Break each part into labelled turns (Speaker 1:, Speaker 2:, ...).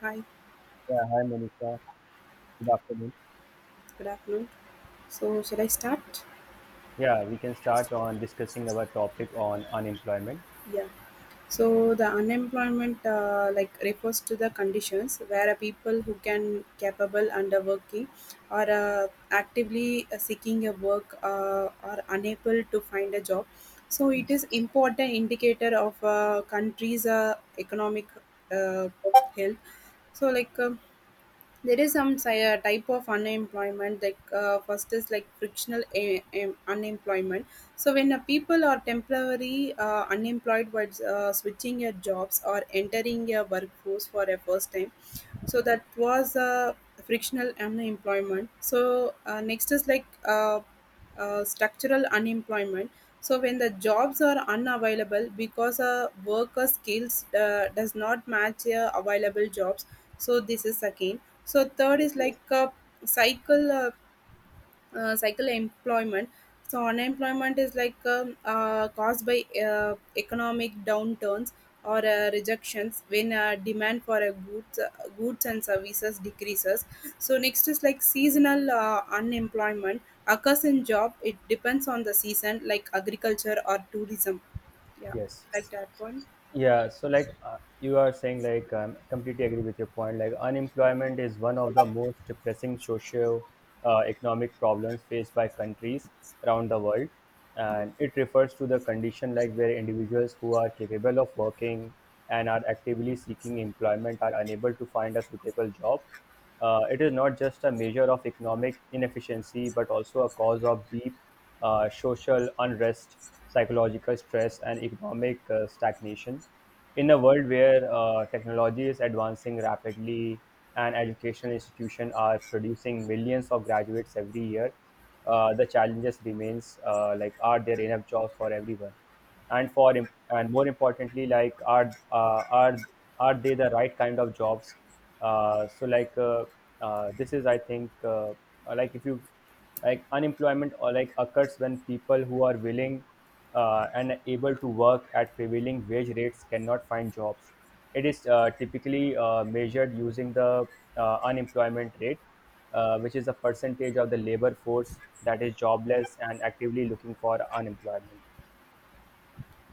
Speaker 1: Hi,
Speaker 2: Yeah, hi Monica. Good afternoon.
Speaker 1: good afternoon. So, shall I start?
Speaker 2: Yeah, we can start on discussing our topic on unemployment.
Speaker 1: Yeah. So, the unemployment refers to the conditions where a people who can capable under working or actively seeking a work are unable to find a job. So, it
Speaker 2: Yes.
Speaker 1: is important indicator of a country's economic uh, health. So, there is some type of unemployment, like first is like frictional unemployment. So when people are temporarily unemployed while switching your jobs or entering your workforce for a first time, so that was a frictional unemployment. So next is like structural unemployment. So when the jobs are unavailable because a worker skills does not match available jobs, so this is again. So third
Speaker 2: Yes.
Speaker 1: is like a cycle uh, cycle employment. So unemployment is like caused by economic downturns or rejections when demand for a goods goods and services decreases. So next is like seasonal unemployment occurs in job, it depends on the season like agriculture or tourism, yeah,
Speaker 2: Yes.
Speaker 1: like that point.
Speaker 2: Yeah, so you are saying, completely agree with your point. Like, unemployment is one of the most pressing socio- economic problems faced by countries around the world. And it refers to the condition like where individuals who are capable of working and are actively seeking employment are unable to find a suitable job. It is not just a measure of economic inefficiency, but also a cause of deep social unrest, psychological stress, and economic stagnation. In a world where technology is advancing rapidly and educational institutions are producing millions of graduates every year, the challenges remains, like, are there enough jobs for everyone? And more importantly, like, are they the right kind of jobs? Uh, so like this is I think like if you Like, unemployment or like occurs when people who are willing and able to work at prevailing wage rates cannot find jobs. It is typically measured using the unemployment rate, which is a percentage of the labor force that is jobless and actively looking for unemployment.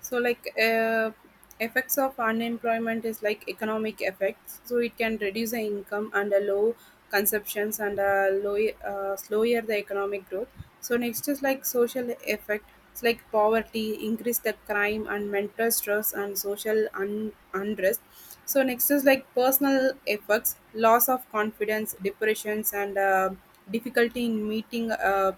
Speaker 1: So effects of unemployment is like economic effects, so it can reduce the income and a low consumptions and a low slower the economic growth. So next is like social effect, it's like poverty increase the crime and mental stress and unrest. So next is like personal effects, loss of confidence, depressions, and difficulty in meeting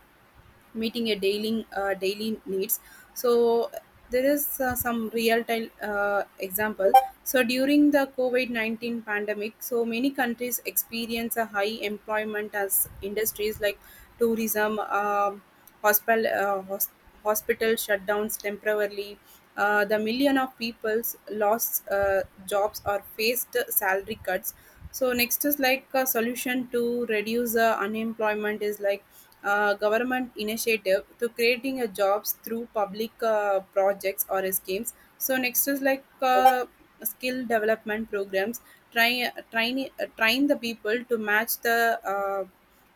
Speaker 1: meeting a daily needs. So there is some real time example. So during the covid-19 pandemic, so many countries experience a high employment as industries like tourism hospital uh, hos- hospital shutdowns temporarily. The million of peoples lost jobs or faced salary cuts. So next is like a solution to reduce the unemployment is like government initiative to creating a jobs through public projects or schemes. So next is like skill development programs. Try train train the people to match the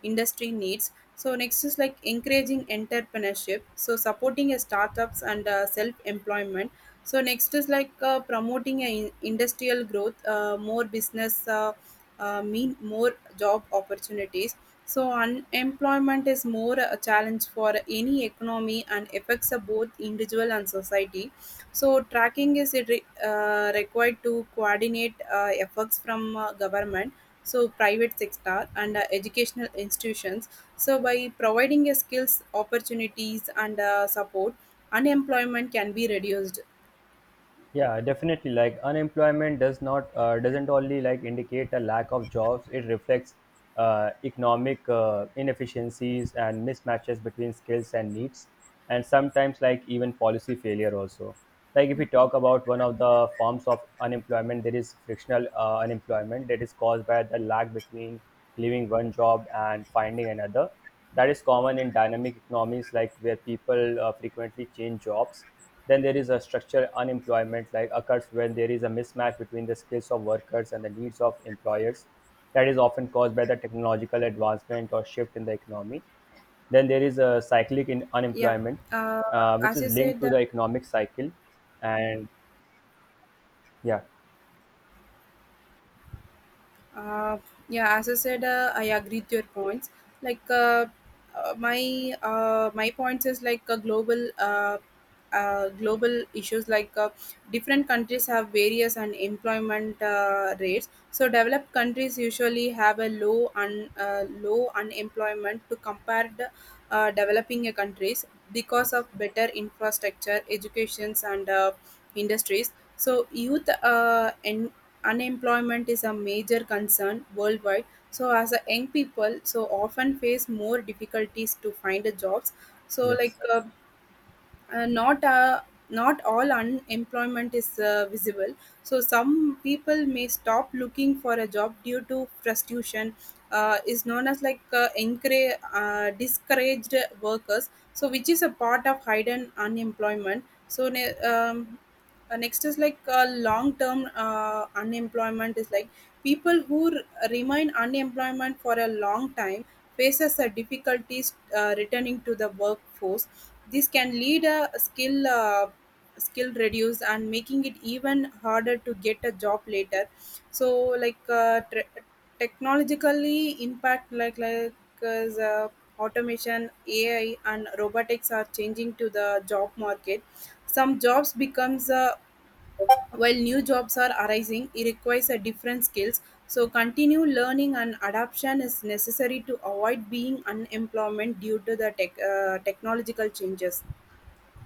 Speaker 1: industry needs. So next is like encouraging entrepreneurship. So supporting startups and self employment. So next is like promoting industrial growth, more business mean more job opportunities. So, unemployment is more a challenge for any economy and affects a both individual and society. So, tracking is it required to coordinate efforts from government, so private sector and educational institutions. So, by providing a skills opportunities and support, unemployment can be reduced.
Speaker 2: Yeah, definitely. Like unemployment doesn't only like indicate a lack of jobs. It reflects economic inefficiencies and mismatches between skills and needs, and sometimes like even policy failure also. Like, if we
Speaker 1: Yeah.
Speaker 2: talk about one of the forms of unemployment, there is frictional unemployment that is caused by the lag between leaving one job and finding another. That is common in dynamic economies, like where people frequently change jobs. Then there is a structural unemployment, like occurs when there is a mismatch between the skills of workers and the needs of employers, that is often caused by the technological advancement or shift in the economy. Then there is a cyclic in
Speaker 1: Yeah.
Speaker 2: unemployment,
Speaker 1: Uh,
Speaker 2: which
Speaker 1: as
Speaker 2: is
Speaker 1: you
Speaker 2: linked
Speaker 1: said,
Speaker 2: to
Speaker 1: uh,
Speaker 2: the economic cycle and yeah
Speaker 1: Uh, yeah, as I said, I agree with your points. Like my my points is like a global global issues. Like different countries have various unemployment rates. So developed countries usually have a low low unemployment to compare the developing countries because of better infrastructure, educations, and industries. So youth unemployment is a major concern worldwide, so as a young people so often face more difficulties to find a jobs. So
Speaker 2: yes.
Speaker 1: uh, not uh, not all unemployment is visible. So some people may stop looking for a job due to frustration, is known as discouraged workers, so which is a part of hidden unemployment. So next is like long term unemployment is like people who remain unemployment for a long time, faces a difficulties returning to the workforce. This can lead a skill reduce and making it even harder to get a job later. So like uh, tre- technologically impact like as automation, AI, and robotics are changing to the job market. Some jobs becomes while new jobs are arising, it requires a different skills. So continue learning and adaptation is necessary to avoid being unemployment due to the technological changes.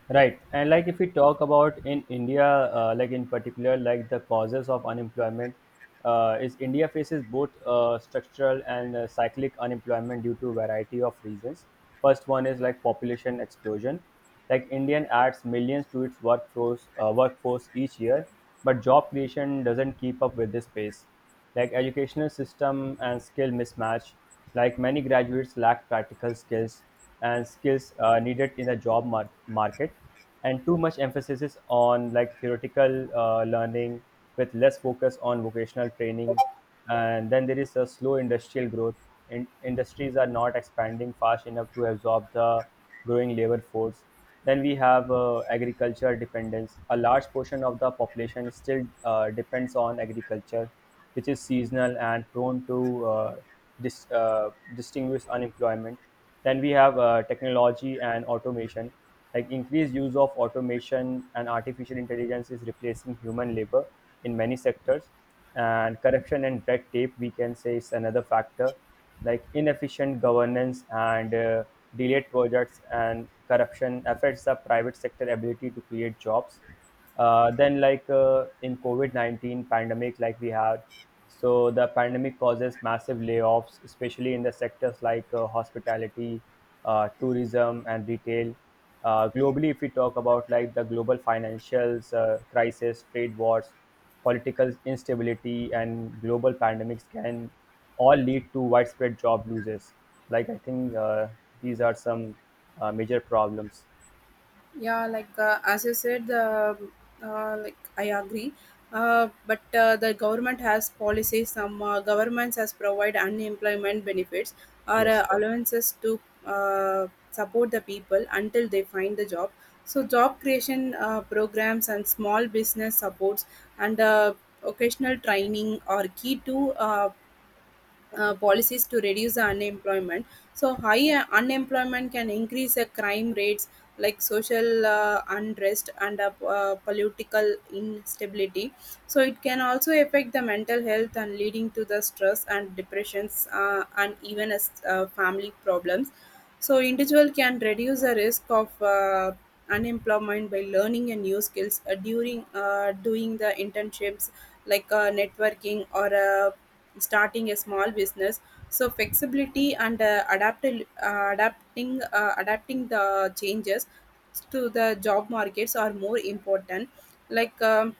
Speaker 2: Right. And like if we talk about in India, like in particular, like the causes of unemployment, is India faces both structural and cyclic unemployment due to variety of reasons. First one is like population explosion. Like Indian adds millions to its workforce each year, but job creation doesn't keep up with this pace. Like educational system and skill mismatch. Like many graduates lack practical skills and skills needed in the job market and too much emphasis is on like theoretical learning with less focus on vocational training. And then there is a slow industrial growth. Industries are not expanding fast enough to absorb the growing labor force. Then we have, agriculture dependence: a large portion of the population still depends on agriculture, which is seasonal and prone to dis, uh, distinguish unemployment. Then we have technology and automation. Like, increased use of automation and artificial intelligence is replacing human labor in many sectors. And corruption and red tape, we can say, is another factor. Like, inefficient governance and delayed projects and corruption affects the private sector ability to create jobs. Then, like, in COVID COVID-19 pandemic, like we had, so the pandemic causes massive layoffs, especially in the sectors like hospitality, tourism, and retail. Globally, if we talk about like the global financials crisis, trade wars, political instability, and global pandemics can all lead to widespread job losses. Like, I think these are some major problems.
Speaker 1: Yeah, as you said the like I agree, but the government has policies, some governments has provide unemployment benefits or
Speaker 2: Yes.
Speaker 1: allowances to support the people until they find the job. So job creation programs and small business supports and occasional training are key to policies to reduce the unemployment. So high unemployment can increase the crime rates, like social unrest and political instability. So it can also affect the mental health and leading to the stress and depressions and even as family problems. So individual can reduce the risk of unemployment by learning a new skills during doing the internships, like networking or starting a small business. So flexibility and adapting the changes to the job markets are more important. like um,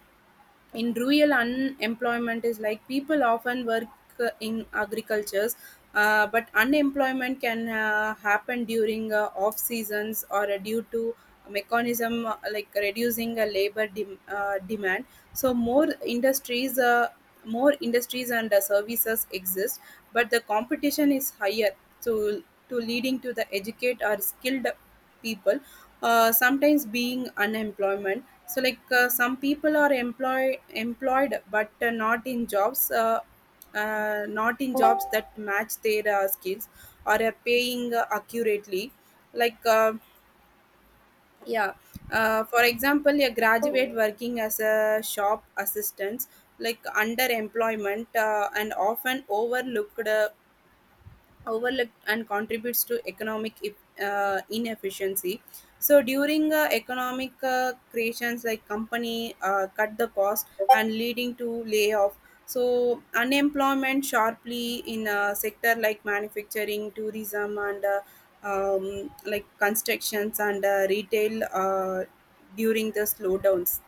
Speaker 1: in rural unemployment is like people often work in agricultures, but unemployment can happen during off seasons or due to mechanism, like reducing demand. So more industries and services exist, but the competition is higher. So to leading to the educate or skilled people, sometimes being unemployment. So like some people are employed but not in jobs that match their skills or are paying accurately. like uh, yeah. For example, a graduate working as a shop assistant, like underemployment and often overlooked and contributes to economic inefficiency. So during economic creations, like company cut the cost and leading to layoff. So unemployment sharply in a sector like manufacturing, tourism, and like constructions and retail during the slowdowns.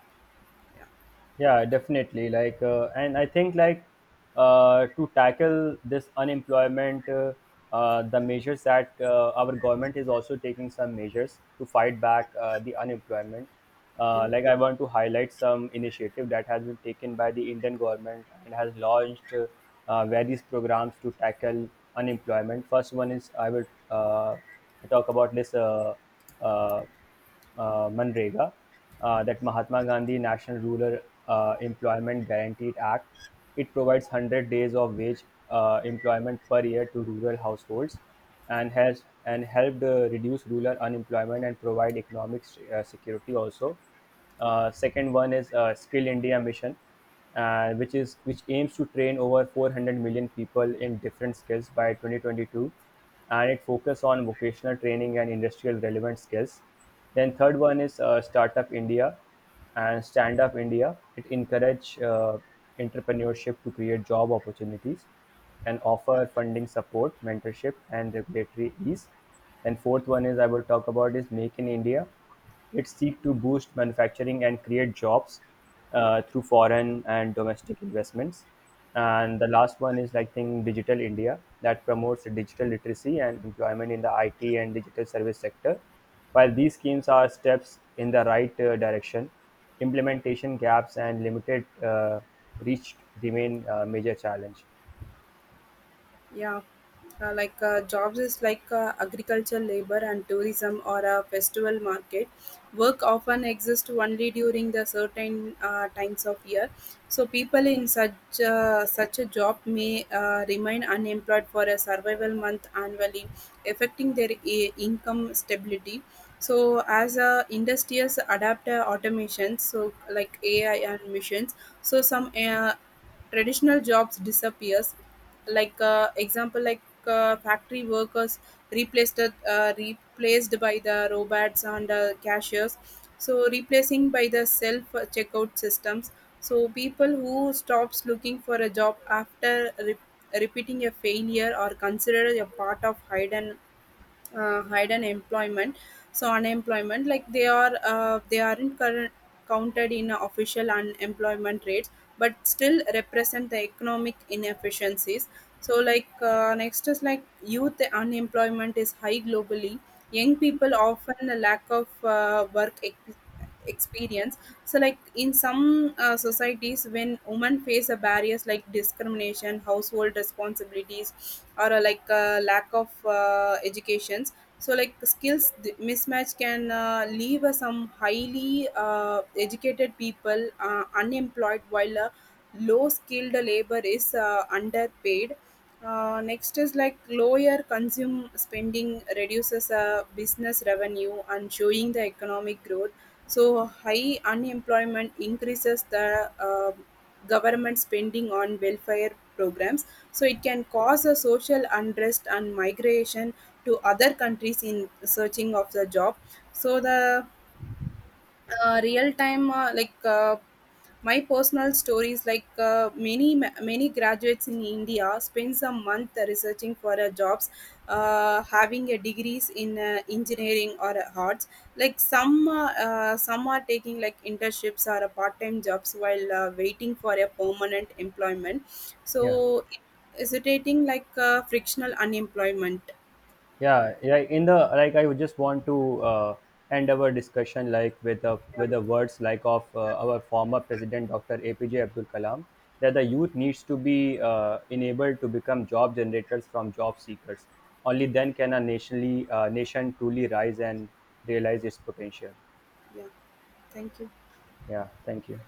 Speaker 2: Yeah, definitely. And I think, like, to tackle this unemployment, the measures that our government is also taking, some measures to fight back the unemployment.
Speaker 1: Yeah,
Speaker 2: Like, I want to highlight some initiative that has been taken by the Indian government and has launched, various programs to tackle unemployment. First one is i will uh, talk about this, uh, Manrega, that Mahatma Gandhi National Rural Employment Guaranteed Act. It provides 100 days of wage employment per year to rural households and has and helped reduce rural unemployment and provide economic security also. Second one is Skill India Mission, which aims to train over 400 million people in different skills by 2022, and it focuses on vocational training and industrial relevant skills. Then third one is Startup India and Stand Up India. It encourage entrepreneurship to create job opportunities and offer funding support, mentorship, and regulatory ease. And fourth one is I will talk about is Make in India. It seeks to boost manufacturing and create jobs through foreign and domestic investments. And the last one is like, think, Digital India, that promotes digital literacy and employment in the IT and digital service sector. While these schemes are steps in the right direction, implementation gaps and limited reach remain a major challenge.
Speaker 1: yeah. Jobs is like agricultural labor and tourism or a festival market work often exists only during the certain times of year. So people in such such a job may remain unemployed for a survival month annually, affecting their income stability. So as industries adapt automations, so like ai and machines, so some traditional jobs disappears. Example, like factory workers replaced replaced by the robots and cashiers, so replacing by the self checkout systems. So people who stops looking for a job after repeating a failure are considered a part of hidden employment. So unemployment, like they are they aren't current, counted in official unemployment rates, but still represent the economic inefficiencies. So next is like youth unemployment is high globally, young people often lack of work experience. So like in some societies, when women face a barriers like discrimination, household responsibilities, or a, like a lack of educations. So like skills mismatch can leave some highly educated people unemployed, while low skilled labor is underpaid. Next is like lower consume spending reduces business revenue and showing the economic growth. So high unemployment increases the government spending on welfare programs. So it can cause a social unrest and migration to other countries in searching of the job. So the real time like my personal stories, like many many graduates in India, spends a month researching for jobs, having a degrees in engineering or arts. Like some are taking like internships or part time jobs while waiting for a permanent employment.
Speaker 2: Yeah.
Speaker 1: So, hesitating like frictional unemployment.
Speaker 2: Yeah, like in the like I would just want to end our discussion like with the with
Speaker 1: Yeah,
Speaker 2: the words like of our former president Dr. APJ Abdul Kalam, that the youth needs to be enabled to become job generators from job seekers. Only then can a nation truly rise and realize its potential.
Speaker 1: yeah. Thank you.
Speaker 2: Yeah, thank you.